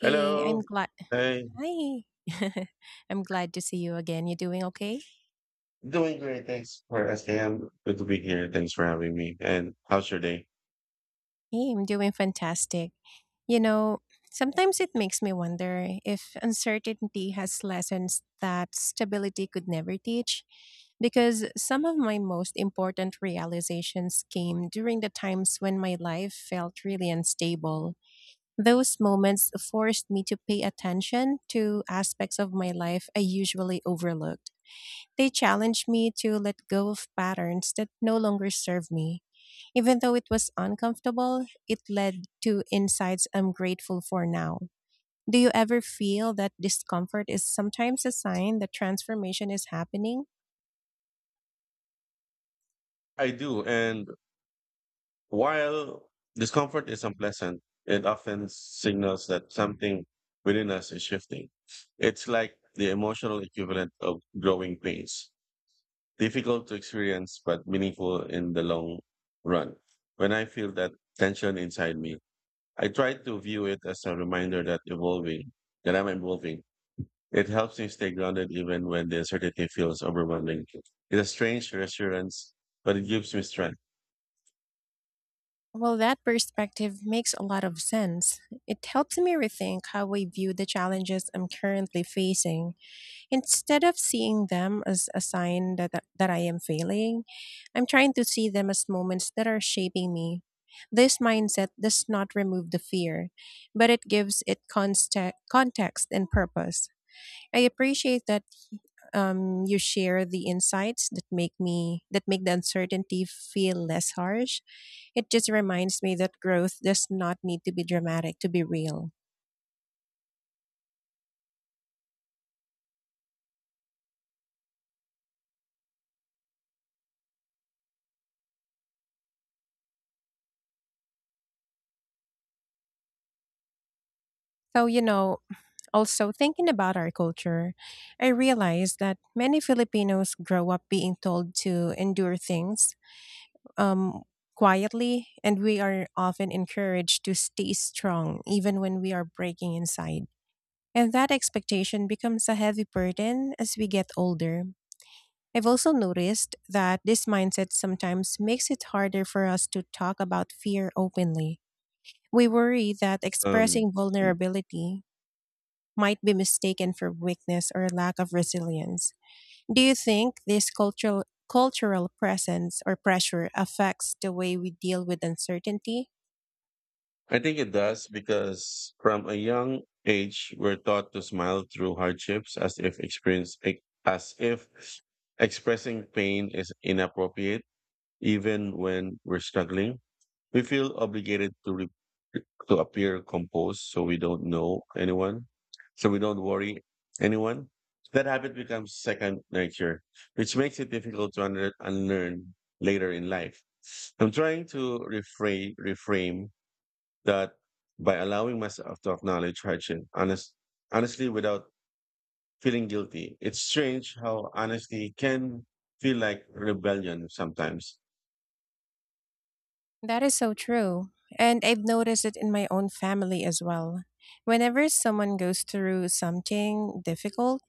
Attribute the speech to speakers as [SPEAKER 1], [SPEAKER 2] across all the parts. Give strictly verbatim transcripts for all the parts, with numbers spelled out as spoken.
[SPEAKER 1] Hey, I'm
[SPEAKER 2] Hello.
[SPEAKER 1] glad.
[SPEAKER 2] Hey.
[SPEAKER 1] Hi. I'm glad to see you again. You doing okay?
[SPEAKER 2] Doing great, thanks for asking. I'm good to be here. Thanks for having me. And how's your day?
[SPEAKER 1] Hey, I'm doing fantastic. You know, sometimes it makes me wonder if uncertainty has lessons that stability could never teach. Because some of my most important realizations came during the times when my life felt really unstable. Those moments forced me to pay attention to aspects of my life I usually overlooked. They challenged me to let go of patterns that no longer serve me. Even though it was uncomfortable, it led to insights I'm grateful for now. Do you ever feel that discomfort is sometimes a sign that transformation is happening?
[SPEAKER 2] I do. And while discomfort is unpleasant, it often signals that something within us is shifting. It's like the emotional equivalent of growing pains, difficult to experience, but meaningful in the long run. When I feel that tension inside me, I try to view it as a reminder that evolving, that I'm evolving. It helps me stay grounded even when the uncertainty feels overwhelming. It's a strange reassurance, but it gives me strength.
[SPEAKER 1] Well, that perspective makes a lot of sense. It helps me rethink how I view the challenges I'm currently facing. Instead of seeing them as a sign that, that, that I am failing, I'm trying to see them as moments that are shaping me. This mindset does not remove the fear, but it gives it conste- context and purpose. I appreciate that um, you share the insights that make me that make the uncertainty feel less harsh. It just reminds me that growth does not need to be dramatic to be real. So you know, also, thinking about our culture, I realized that many Filipinos grow up being told to endure things um, quietly, and we are often encouraged to stay strong even when we are breaking inside. And that expectation becomes a heavy burden as we get older. I've also noticed that this mindset sometimes makes it harder for us to talk about fear openly. We worry that
[SPEAKER 2] Um,
[SPEAKER 1] expressing
[SPEAKER 2] mm.
[SPEAKER 1] vulnerability might be mistaken for weakness or lack of resilience. Do you think this cultural cultural presence or pressure affects the way we deal with uncertainty?
[SPEAKER 2] I think it does because from a young age, we're taught to smile through hardships as if experience, as if expressing pain is inappropriate. Even when we're struggling, we feel obligated to re- to appear composed so we don't know anyone, so we don't worry anyone. That habit becomes second nature, which makes it difficult to under- unlearn later in life. I'm trying to reframe reframe that by allowing myself to acknowledge hardship honest, honestly without feeling guilty. It's strange how honesty can feel like rebellion sometimes.
[SPEAKER 1] That is so true. And I've noticed it in my own family as well. Whenever someone goes through something difficult,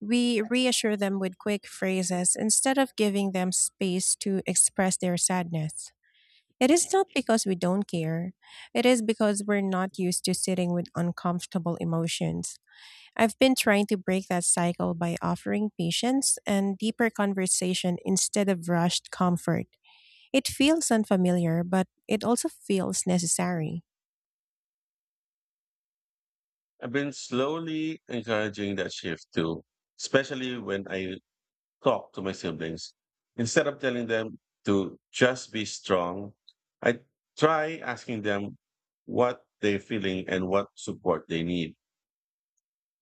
[SPEAKER 1] we reassure them with quick phrases instead of giving them space to express their sadness. It is not because we don't care. It is because we're not used to sitting with uncomfortable emotions. I've been trying to break that cycle by offering patience and deeper conversation instead of rushed comfort. It feels unfamiliar, but it also feels necessary.
[SPEAKER 2] I've been slowly encouraging that shift too, especially when I talk to my siblings. Instead of telling them to just be strong, I try asking them what they're feeling and what support they need.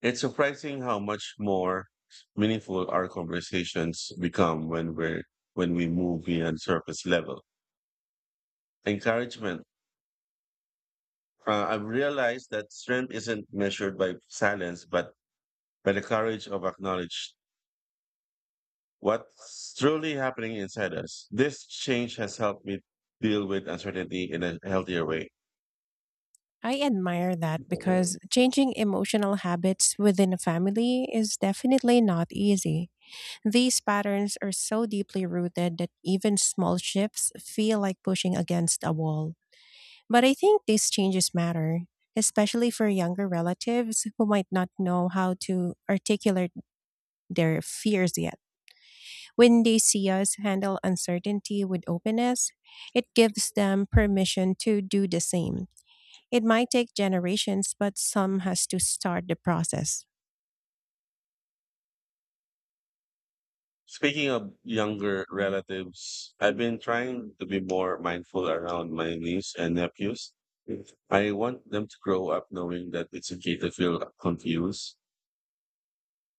[SPEAKER 2] It's surprising how much more meaningful our conversations become when we're when we move beyond surface level encouragement. Uh, I've realized that strength isn't measured by silence, but by the courage of acknowledging what's truly happening inside us. This change has helped me deal with uncertainty in a healthier way.
[SPEAKER 1] I admire that because changing emotional habits within a family is definitely not easy. These patterns are so deeply rooted that even small shifts feel like pushing against a wall. But I think these changes matter, especially for younger relatives who might not know how to articulate their fears yet. When they see us handle uncertainty with openness, it gives them permission to do the same. It might take generations, but some has to start the process.
[SPEAKER 2] Speaking of younger relatives, I've been trying to be more mindful around my niece and nephews. I want them to grow up knowing that it's okay to feel confused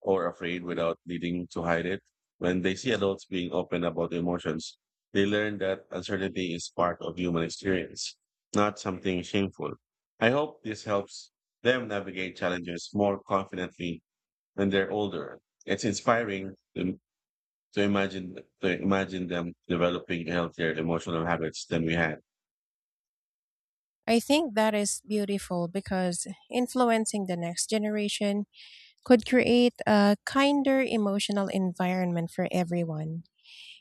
[SPEAKER 2] or afraid without needing to hide it. When they see adults being open about emotions, they learn that uncertainty is part of human experience, not something shameful. I hope this helps them navigate challenges more confidently when they're older. It's inspiring to, to imagine to imagine them developing healthier emotional habits than we had.
[SPEAKER 1] I think that is beautiful because influencing the next generation could create a kinder emotional environment for everyone.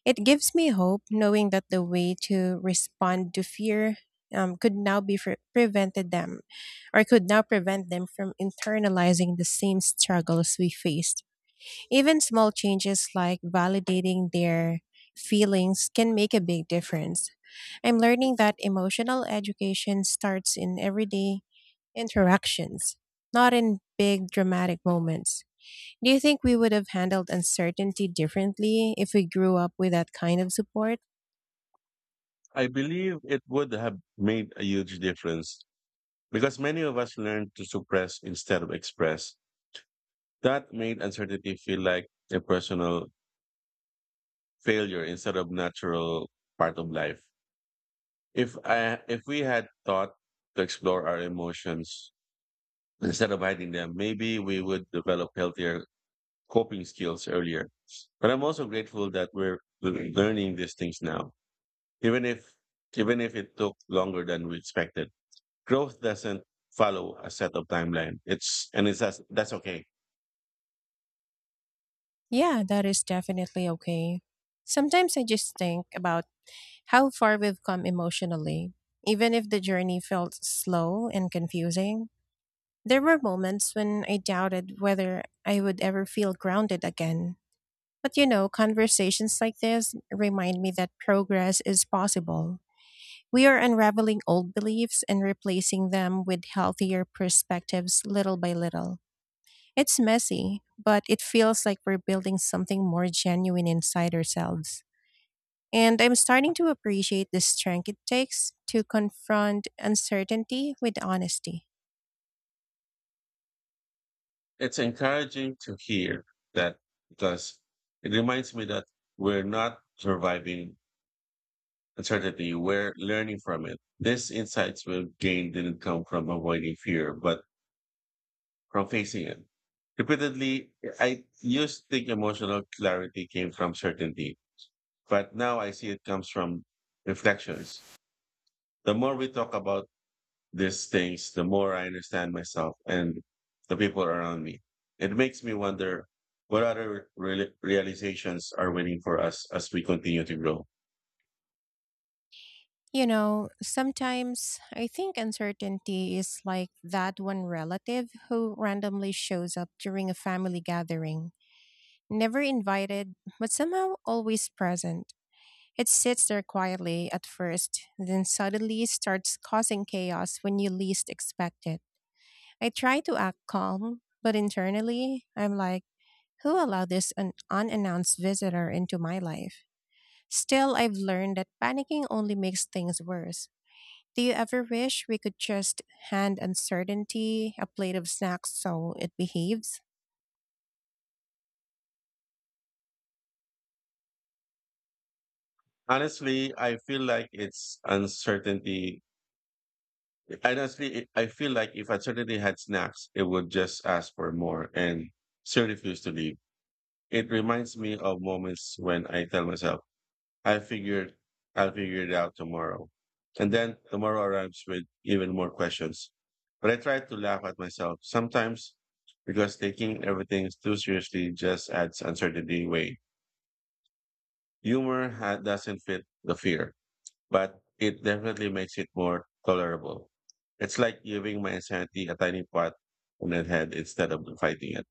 [SPEAKER 1] It gives me hope knowing that the way to respond to fear um, could now be pre- prevented them or could now prevent them from internalizing the same struggles we faced. Even small changes like validating their feelings can make a big difference. I'm learning that emotional education starts in everyday interactions, not in big dramatic moments. Do you think we would have handled uncertainty differently if we grew up with that kind of support?
[SPEAKER 2] I believe it would have made a huge difference because many of us learn to suppress instead of express. That made uncertainty feel like a personal failure instead of natural part of life. If I if we had thought to explore our emotions instead of hiding them, maybe we would develop healthier coping skills earlier. But I'm also grateful that we're learning these things now, even if even if it took longer than we expected. Growth doesn't follow a set of timeline. It's and it's that's that's okay.
[SPEAKER 1] Yeah, that is definitely okay. Sometimes I just think about how far we've come emotionally. Even if the journey felt slow and confusing, there were moments when I doubted whether I would ever feel grounded again. But you know, conversations like this remind me that progress is possible. We are unraveling old beliefs and replacing them with healthier perspectives little by little. It's messy, but it feels like we're building something more genuine inside ourselves. And I'm starting to appreciate the strength it takes to confront uncertainty with honesty.
[SPEAKER 2] It's encouraging to hear that because it reminds me that we're not surviving uncertainty, we're learning from it. These insights we've gained didn't come from avoiding fear, but from facing it repeatedly. I used to think emotional clarity came from certainty, but now I see it comes from reflections. The more we talk about these things, the more I understand myself and the people around me. It makes me wonder what other reali- realizations are waiting for us as we continue to grow.
[SPEAKER 1] You know, sometimes I think uncertainty is like that one relative who randomly shows up during a family gathering, never invited, but somehow always present. It sits there quietly at first, then suddenly starts causing chaos when you least expect it. I try to act calm, but internally, I'm like, who allowed this un- unannounced visitor into my life? Still, I've learned that panicking only makes things worse. Do you ever wish we could just hand uncertainty a plate of snacks so it behaves?
[SPEAKER 2] Honestly, I feel like it's uncertainty. Honestly, it- I feel like if uncertainty had snacks, it would just ask for more and still refuse to leave. It reminds me of moments when I tell myself, I figured I'll figure it out tomorrow. And then tomorrow arrives with even more questions. But I try to laugh at myself sometimes because taking everything too seriously just adds uncertainty way. Humor ha- doesn't fit the fear, but it definitely makes it more tolerable. It's like giving my insanity a tiny pot on the head instead of fighting it.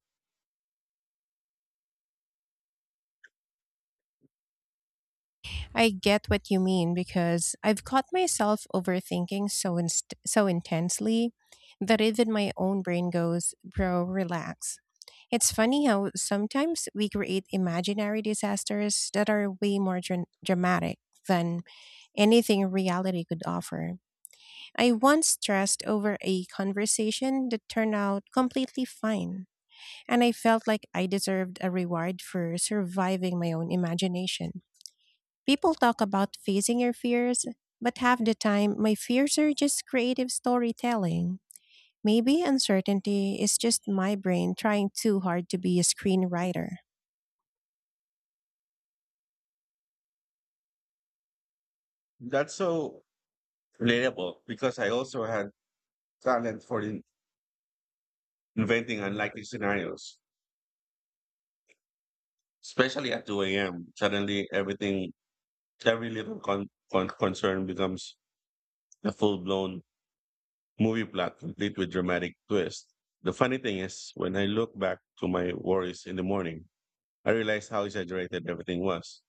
[SPEAKER 1] I get what you mean because I've caught myself overthinking so inst- so intensely that even my own brain goes, "Bro, relax." It's funny how sometimes we create imaginary disasters that are way more dra- dramatic than anything reality could offer. I once stressed over a conversation that turned out completely fine, and I felt like I deserved a reward for surviving my own imagination. People talk about facing your fears, but half the time, my fears are just creative storytelling. Maybe uncertainty is just my brain trying too hard to be a screenwriter.
[SPEAKER 2] That's so relatable because I also had talent for in- inventing unlikely scenarios, especially at two a m. Suddenly, everything, every little con- con- concern becomes a full blown movie plot complete with dramatic twist. The funny thing is, when I look back to my worries in the morning, I realize how exaggerated everything was.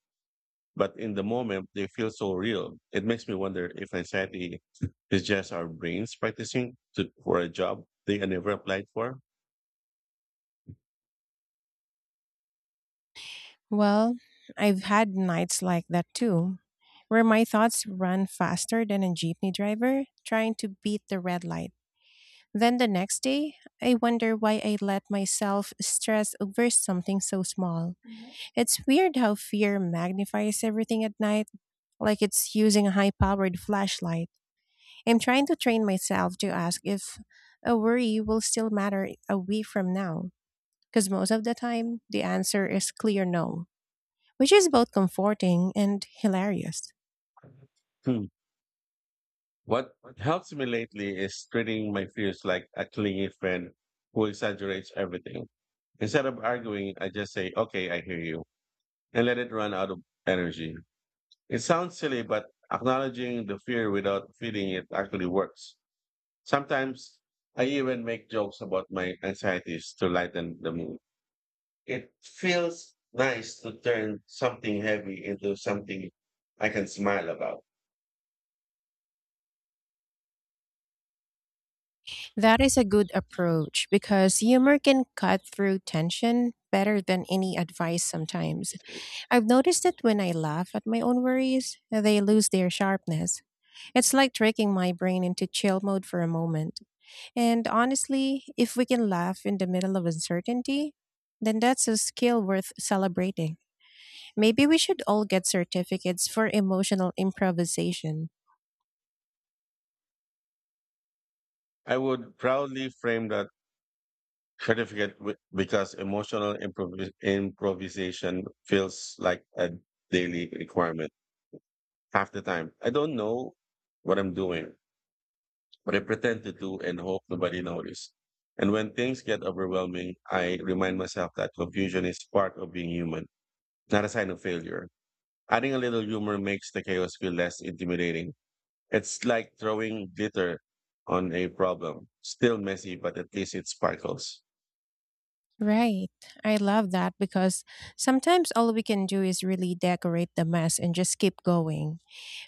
[SPEAKER 2] But in the moment, they feel so real. It makes me wonder if anxiety is just our brains practicing to, for a job they never applied for.
[SPEAKER 1] Well, I've had nights like that too, where my thoughts run faster than a jeepney driver trying to beat the red light. Then the next day, I wonder why I let myself stress over something so small. It's weird how fear magnifies everything at night like it's using a high powered flashlight. I'm trying to train myself to ask if a worry will still matter a week from now, because most of the time the answer is clear no, which is both comforting and hilarious.
[SPEAKER 2] Hmm. What helps me lately is treating my fears like a clingy friend who exaggerates everything. Instead of arguing, I just say, okay, I hear you, and let it run out of energy. It sounds silly, but acknowledging the fear without feeding it actually works. Sometimes I even make jokes about my anxieties to lighten the mood. It feels nice to turn something heavy into something I can smile about.
[SPEAKER 1] That is a good approach because humor can cut through tension better than any advice sometimes. I've noticed that when I laugh at my own worries, they lose their sharpness. It's like tricking my brain into chill mode for a moment. And honestly, if we can laugh in the middle of uncertainty, then that's a skill worth celebrating. Maybe we should all get certificates for emotional improvisation.
[SPEAKER 2] I would proudly frame that certificate with, because emotional improvis- improvisation feels like a daily requirement half the time. I don't know what I'm doing, but I pretend to do and hope nobody notices. And when things get overwhelming, I remind myself that confusion is part of being human, not a sign of failure. Adding a little humor makes the chaos feel less intimidating. It's like throwing glitter on a problem, still messy, but at least it sparkles.
[SPEAKER 1] Right. I love that because sometimes all we can do is really decorate the mess and just keep going.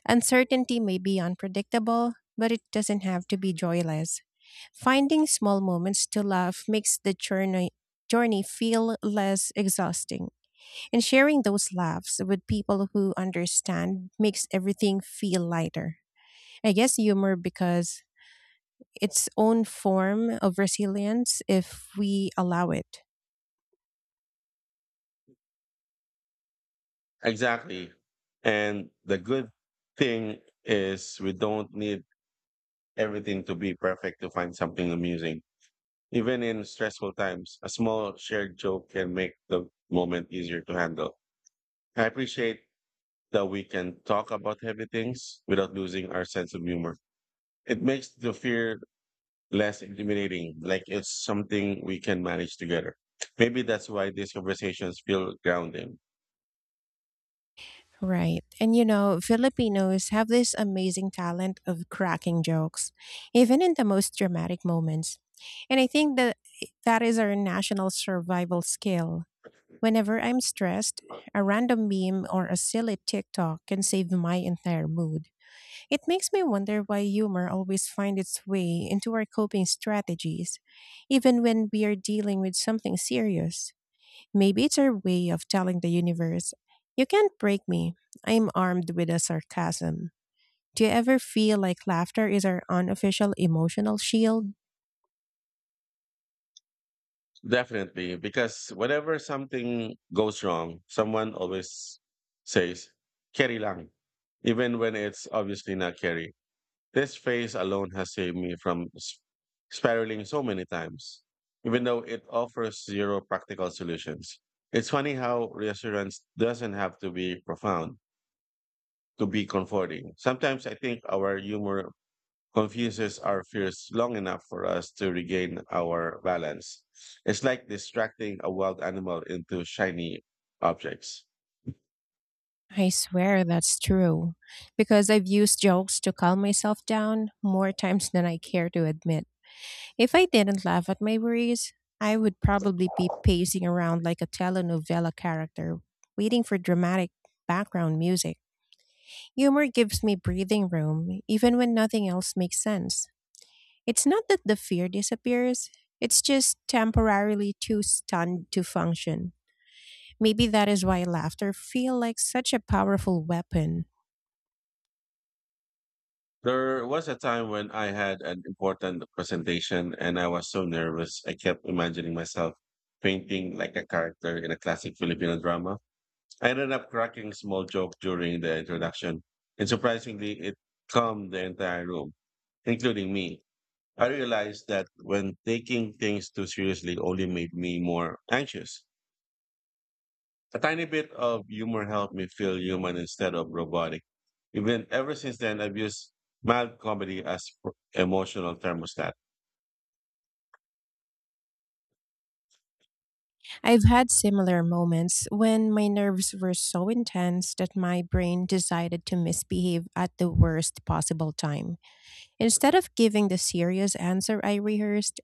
[SPEAKER 1] Uncertainty may be unpredictable, but it doesn't have to be joyless. Finding small moments to laugh makes the journey journey feel less exhausting. And sharing those laughs with people who understand makes everything feel lighter. I guess humor because its own form of resilience if we allow it.
[SPEAKER 2] Exactly. And the good thing is we don't need everything to be perfect to find something amusing. Even in stressful times, a small shared joke can make the moment easier to handle. I appreciate that we can talk about heavy things without losing our sense of humor. It makes the fear less intimidating, like it's something we can manage together. Maybe that's why these conversations feel grounding.
[SPEAKER 1] Right. And you know, Filipinos have this amazing talent of cracking jokes, even in the most dramatic moments. And I think that that is our national survival skill. Whenever I'm stressed, a random meme or a silly TikTok can save my entire mood. It makes me wonder why humor always finds its way into our coping strategies, even when we are dealing with something serious. Maybe it's our way of telling the universe, you can't break me. I'm armed with a sarcasm. Do you ever feel like laughter is our unofficial emotional shield?
[SPEAKER 2] Definitely, because whenever something goes wrong, someone always says, carry lang, even when it's obviously not carry. This phrase alone has saved me from s- spiraling so many times, even though it offers zero practical solutions. It's funny how reassurance doesn't have to be profound to be comforting. Sometimes I think our humor confuses our fears long enough for us to regain our balance. It's like distracting a wild animal into shiny objects.
[SPEAKER 1] I swear that's true. Because I've used jokes to calm myself down more times than I care to admit. If I didn't laugh at my worries, I would probably be pacing around like a telenovela character, waiting for dramatic background music. Humor gives me breathing room, even when nothing else makes sense. It's not that the fear disappears, it's just temporarily too stunned to function. Maybe that is why laughter feel like such a powerful weapon.
[SPEAKER 2] There was a time when I had an important presentation and I was so nervous. I kept imagining myself painting like a character in a classic Filipino drama. I ended up cracking a small joke during the introduction, and surprisingly, it calmed the entire room, including me. I realized that when taking things too seriously only made me more anxious. A tiny bit of humor helped me feel human instead of robotic. Even ever since then, I've used mild comedy as pr- emotional thermostat.
[SPEAKER 1] I've had similar moments when my nerves were so intense that my brain decided to misbehave at the worst possible time. Instead of giving the serious answer I rehearsed,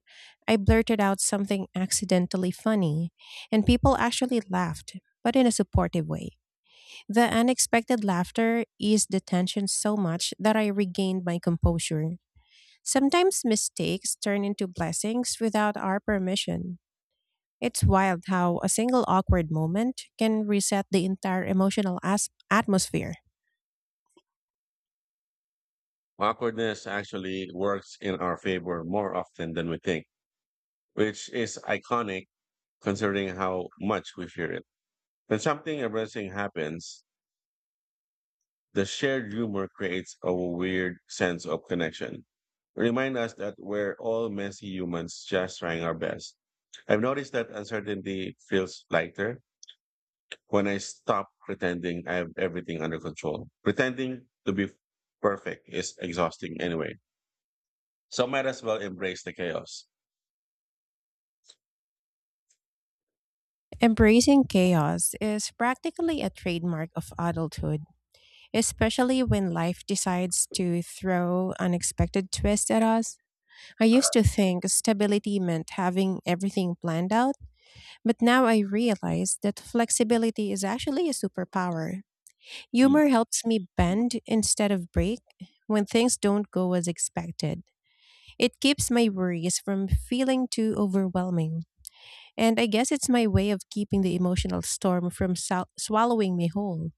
[SPEAKER 1] I blurted out something accidentally funny, and people actually laughed, but in a supportive way. The unexpected laughter eased the tension so much that I regained my composure. Sometimes mistakes turn into blessings without our permission. It's wild how a single awkward moment can reset the entire emotional as- atmosphere.
[SPEAKER 2] Awkwardness actually works in our favor more often than we think, which is iconic considering how much we fear it. When something embarrassing happens, the shared humor creates a weird sense of connection. Remind us that we're all messy humans just trying our best. I've noticed that uncertainty feels lighter when I stop pretending I have everything under control. Pretending to be perfect is exhausting anyway. So might as well embrace the chaos.
[SPEAKER 1] Embracing chaos is practically a trademark of adulthood, especially when life decides to throw unexpected twists at us. I used to think stability meant having everything planned out, but now I realize that flexibility is actually a superpower.
[SPEAKER 2] Mm.
[SPEAKER 1] Humor helps me bend instead of break when things don't go as expected. It keeps my worries from feeling too overwhelming, and I guess it's my way of keeping the emotional storm from sal- swallowing me whole.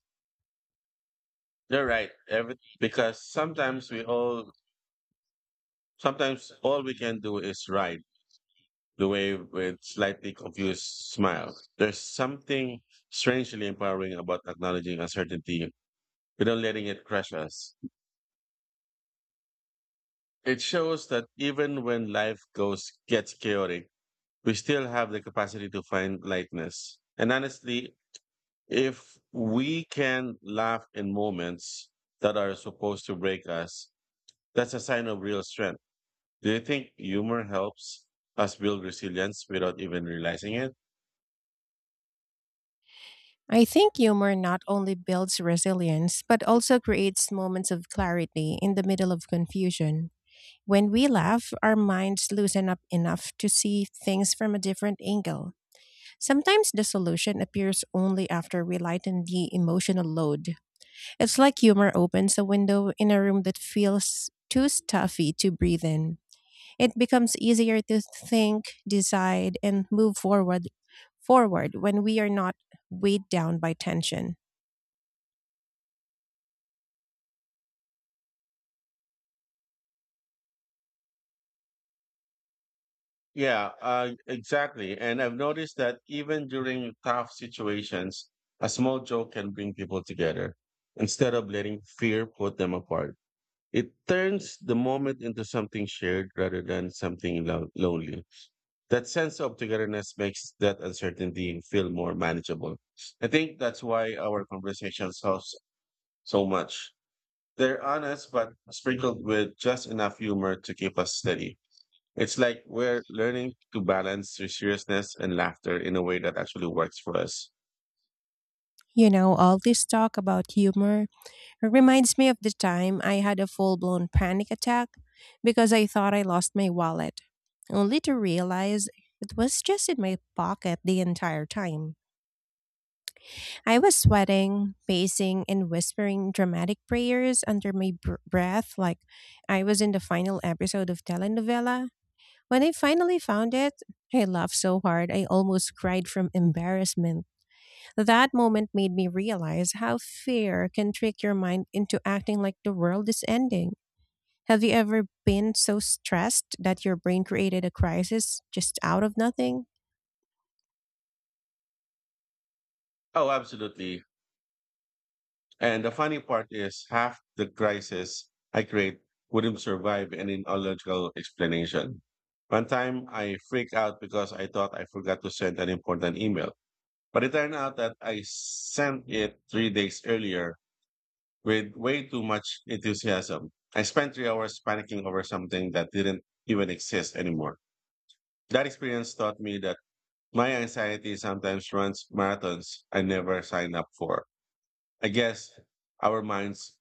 [SPEAKER 2] You're right. Every, because sometimes we all, sometimes all we can do is ride the wave with slightly confused smile. There's something strangely empowering about acknowledging uncertainty without letting it crush us. It shows that even when life goes gets chaotic, we still have the capacity to find lightness. And honestly, if we can laugh in moments that are supposed to break us, that's a sign of real strength. Do you think humor helps us build resilience without even realizing it?
[SPEAKER 1] I think humor not only builds resilience, but also creates moments of clarity in the middle of confusion. When we laugh, our minds loosen up enough to see things from a different angle. Sometimes the solution appears only after we lighten the emotional load. It's like humor opens a window in a room that feels too stuffy to breathe in. It becomes easier to think, decide, and move forward forward when we are not weighed down by tension.
[SPEAKER 2] Yeah, uh, exactly. And I've noticed that even during tough situations, a small joke can bring people together instead of letting fear put them apart. It turns the moment into something shared rather than something lo- lonely. That sense of togetherness makes that uncertainty feel more manageable. I think that's why our conversation helps so much. They're honest, but sprinkled with just enough humor to keep us steady. It's like we're learning to balance seriousness and laughter in a way that actually works for us.
[SPEAKER 1] You know, all this talk about humor reminds me of the time I had a full blown panic attack because I thought I lost my wallet, only to realize it was just in my pocket the entire time. I was sweating, pacing, and whispering dramatic prayers under my br- breath like I was in the final episode of telenovela. When I finally found it, I laughed so hard I almost cried from embarrassment. That moment made me realize how fear can trick your mind into acting like the world is ending. Have you ever been so stressed that your brain created a crisis just out of nothing?
[SPEAKER 2] Oh, absolutely. And the funny part is, half the crisis I create wouldn't survive any logical explanation. One time I freaked out because I thought I forgot to send an important email. But it turned out that I sent it three days earlier with way too much enthusiasm. I spent three hours panicking over something that didn't even exist anymore. That experience taught me that my anxiety sometimes runs marathons I never signed up for. I guess our minds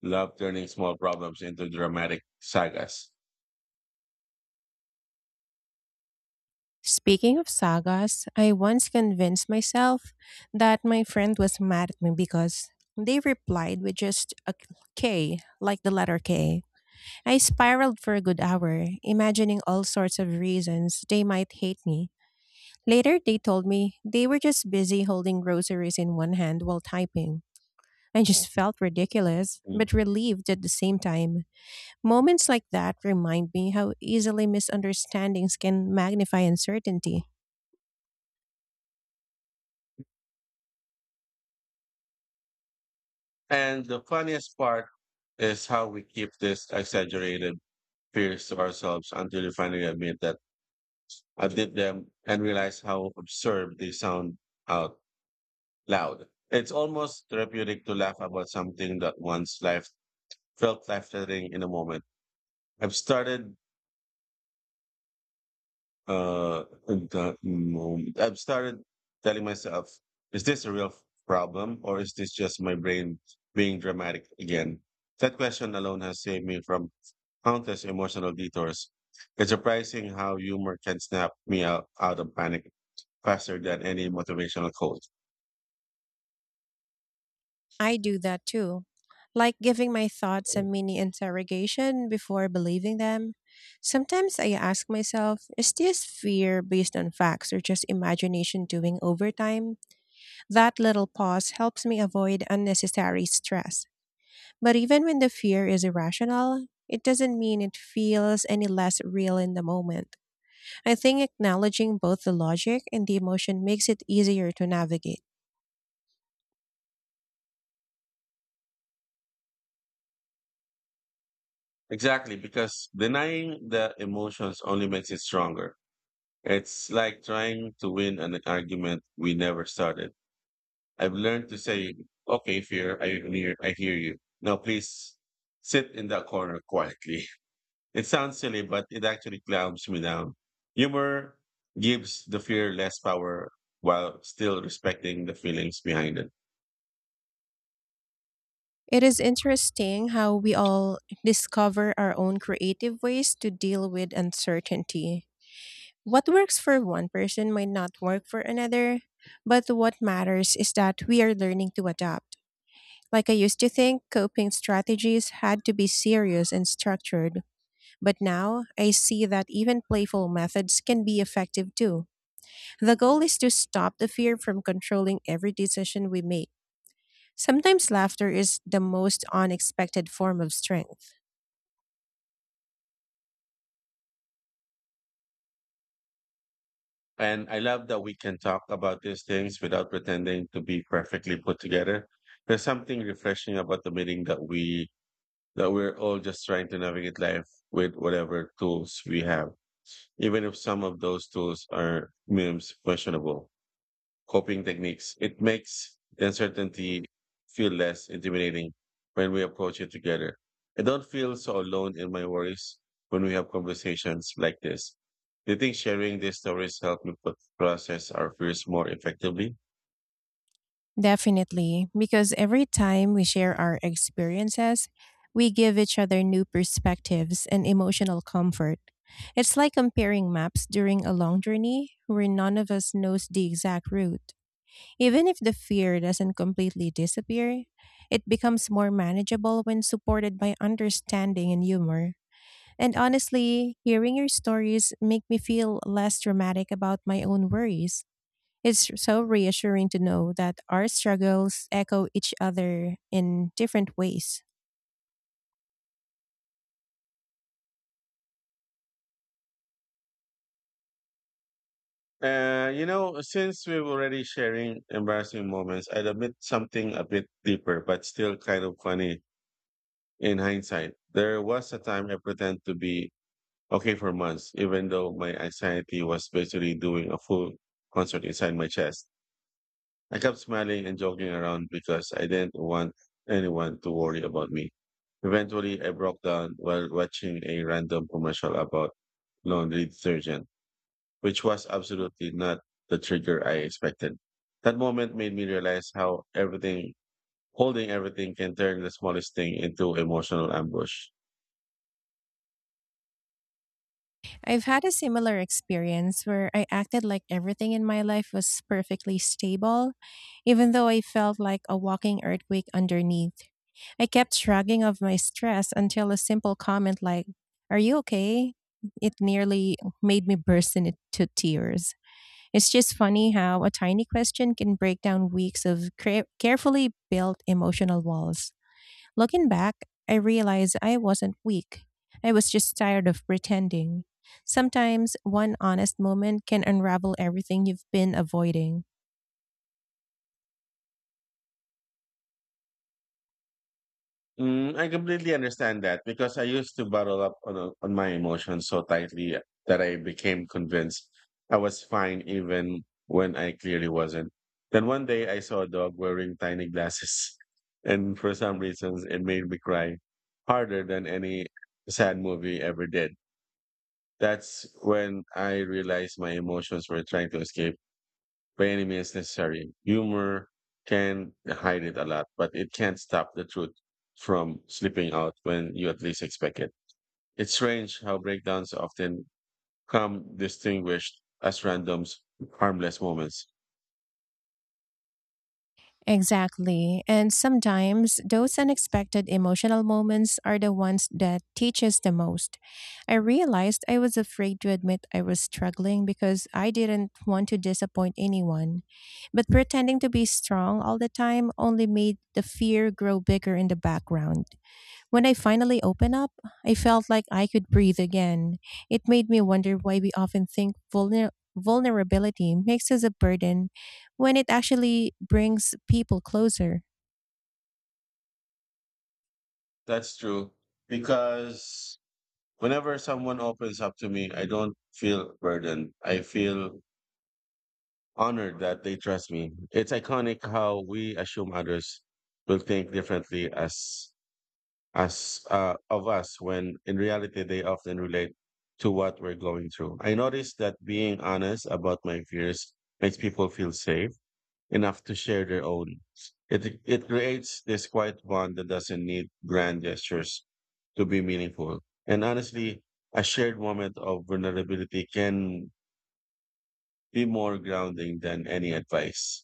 [SPEAKER 2] love turning small problems into dramatic sagas.
[SPEAKER 1] Speaking of sagas, I once convinced myself that my friend was mad at me because they replied with just a K, like the letter K. I spiraled for a good hour, imagining all sorts of reasons they might hate me. Later, they told me they were just busy holding groceries in one hand while typing. I just felt ridiculous,
[SPEAKER 2] Mm.
[SPEAKER 1] but relieved at the same time. Moments like that remind me how easily misunderstandings can magnify uncertainty.
[SPEAKER 2] And the funniest part is how we keep this exaggerated fears to ourselves until we finally admit that I did them and realize how absurd they sound out loud. It's almost therapeutic to laugh about something that once life felt life threatening in a moment. I've started Uh, at that moment, I've started telling myself, is this a real f- problem or is this just my brain being dramatic again? That question alone has saved me from countless emotional detours. It's surprising how humor can snap me out, out of panic faster than any motivational quote.
[SPEAKER 1] I do that too, like giving my thoughts a mini interrogation before believing them. Sometimes I ask myself, is this fear based on facts or just imagination doing overtime? That little pause helps me avoid unnecessary stress. But even when the fear is irrational, it doesn't mean it feels any less real in the moment. I think acknowledging both the logic and the emotion makes it easier to navigate.
[SPEAKER 2] Exactly, because denying the emotions only makes it stronger. It's like trying to win an argument we never started. I've learned to say, okay, fear, I hear, I hear you. Now please sit in that corner quietly. It sounds silly, but it actually calms me down. Humor gives the fear less power while still respecting the feelings behind it.
[SPEAKER 1] It is interesting how we all discover our own creative ways to deal with uncertainty. What works for one person might not work for another, but what matters is that we are learning to adapt. Like I used to think coping strategies had to be serious and structured, but now I see that even playful methods can be effective too. The goal is to stop the fear from controlling every decision we make. Sometimes laughter is the most unexpected form of strength.
[SPEAKER 2] And I love that we can talk about these things without pretending to be perfectly put together. There's something refreshing about the meeting that we that we're all just trying to navigate life with whatever tools we have. Even if some of those tools are memes questionable coping techniques, it makes the uncertainty feel less intimidating when we approach it together. I don't feel so alone in my worries when we have conversations like this. Do you think sharing these stories help me put, process our fears more effectively?
[SPEAKER 1] Definitely, because every time we share our experiences, we give each other new perspectives and emotional comfort. It's like comparing maps during a long journey where none of us knows the exact route. Even if the fear doesn't completely disappear, it becomes more manageable when supported by understanding and humor. And honestly, hearing your stories make me feel less dramatic about my own worries. It's so reassuring to know that our struggles echo each other in different ways.
[SPEAKER 2] Uh, you know, since we're already sharing embarrassing moments, I'd admit something a bit deeper, but still kind of funny in hindsight. There was a time I pretend to be okay for months, even though my anxiety was basically doing a full concert inside my chest. I kept smiling and joking around because I didn't want anyone to worry about me. Eventually, I broke down while watching a random commercial about laundry detergent, which was absolutely not the trigger I expected. That moment made me realize how everything, holding everything can turn the smallest thing into emotional ambush.
[SPEAKER 1] I've had a similar experience where I acted like everything in my life was perfectly stable, even though I felt like a walking earthquake underneath. I kept shrugging off my stress until a simple comment like, "Are you okay?" It nearly made me burst into tears. It's just funny how a tiny question can break down weeks of cre- carefully built emotional walls. Looking back, I realized I wasn't weak. I was just tired of pretending. Sometimes one honest moment can unravel everything you've been avoiding.
[SPEAKER 2] Mm, I completely understand that because I used to bottle up on uh, on my emotions so tightly that I became convinced I was fine even when I clearly wasn't. Then one day I saw a dog wearing tiny glasses, and for some reasons it made me cry harder than any sad movie ever did. That's when I realized my emotions were trying to escape by any means necessary. Humor can hide it a lot, but it can't stop the truth from slipping out when you at least expect it. It's strange how breakdowns often come distinguished as random, harmless moments.
[SPEAKER 1] Exactly. And sometimes those unexpected emotional moments are the ones that teach us the most. I realized I was afraid to admit I was struggling because I didn't want to disappoint anyone. But pretending to be strong all the time only made the fear grow bigger in the background. When I finally opened up, I felt like I could breathe again. It made me wonder why we often think vulner- vulnerability makes us a burden when it actually brings people closer.
[SPEAKER 2] That's true because whenever someone opens up to me, I don't feel burdened. I feel honored that they trust me. It's iconic how we assume others will think differently as as uh, of us when in reality they often relate to what we're going through. I noticed that being honest about my fears makes people feel safe enough to share their own. It it creates this quiet bond that doesn't need grand gestures to be meaningful. And honestly, a shared moment of vulnerability can be more grounding than any advice.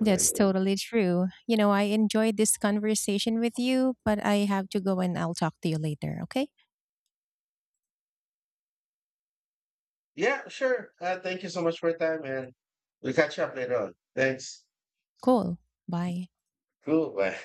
[SPEAKER 1] That's totally true. You know, I enjoyed this conversation with you, but I have to go and I'll talk to you later, okay?
[SPEAKER 2] Yeah, sure. Uh, thank you so much for your time, and we'll catch up later on. Thanks.
[SPEAKER 1] Cool. Bye.
[SPEAKER 2] Cool. Bye.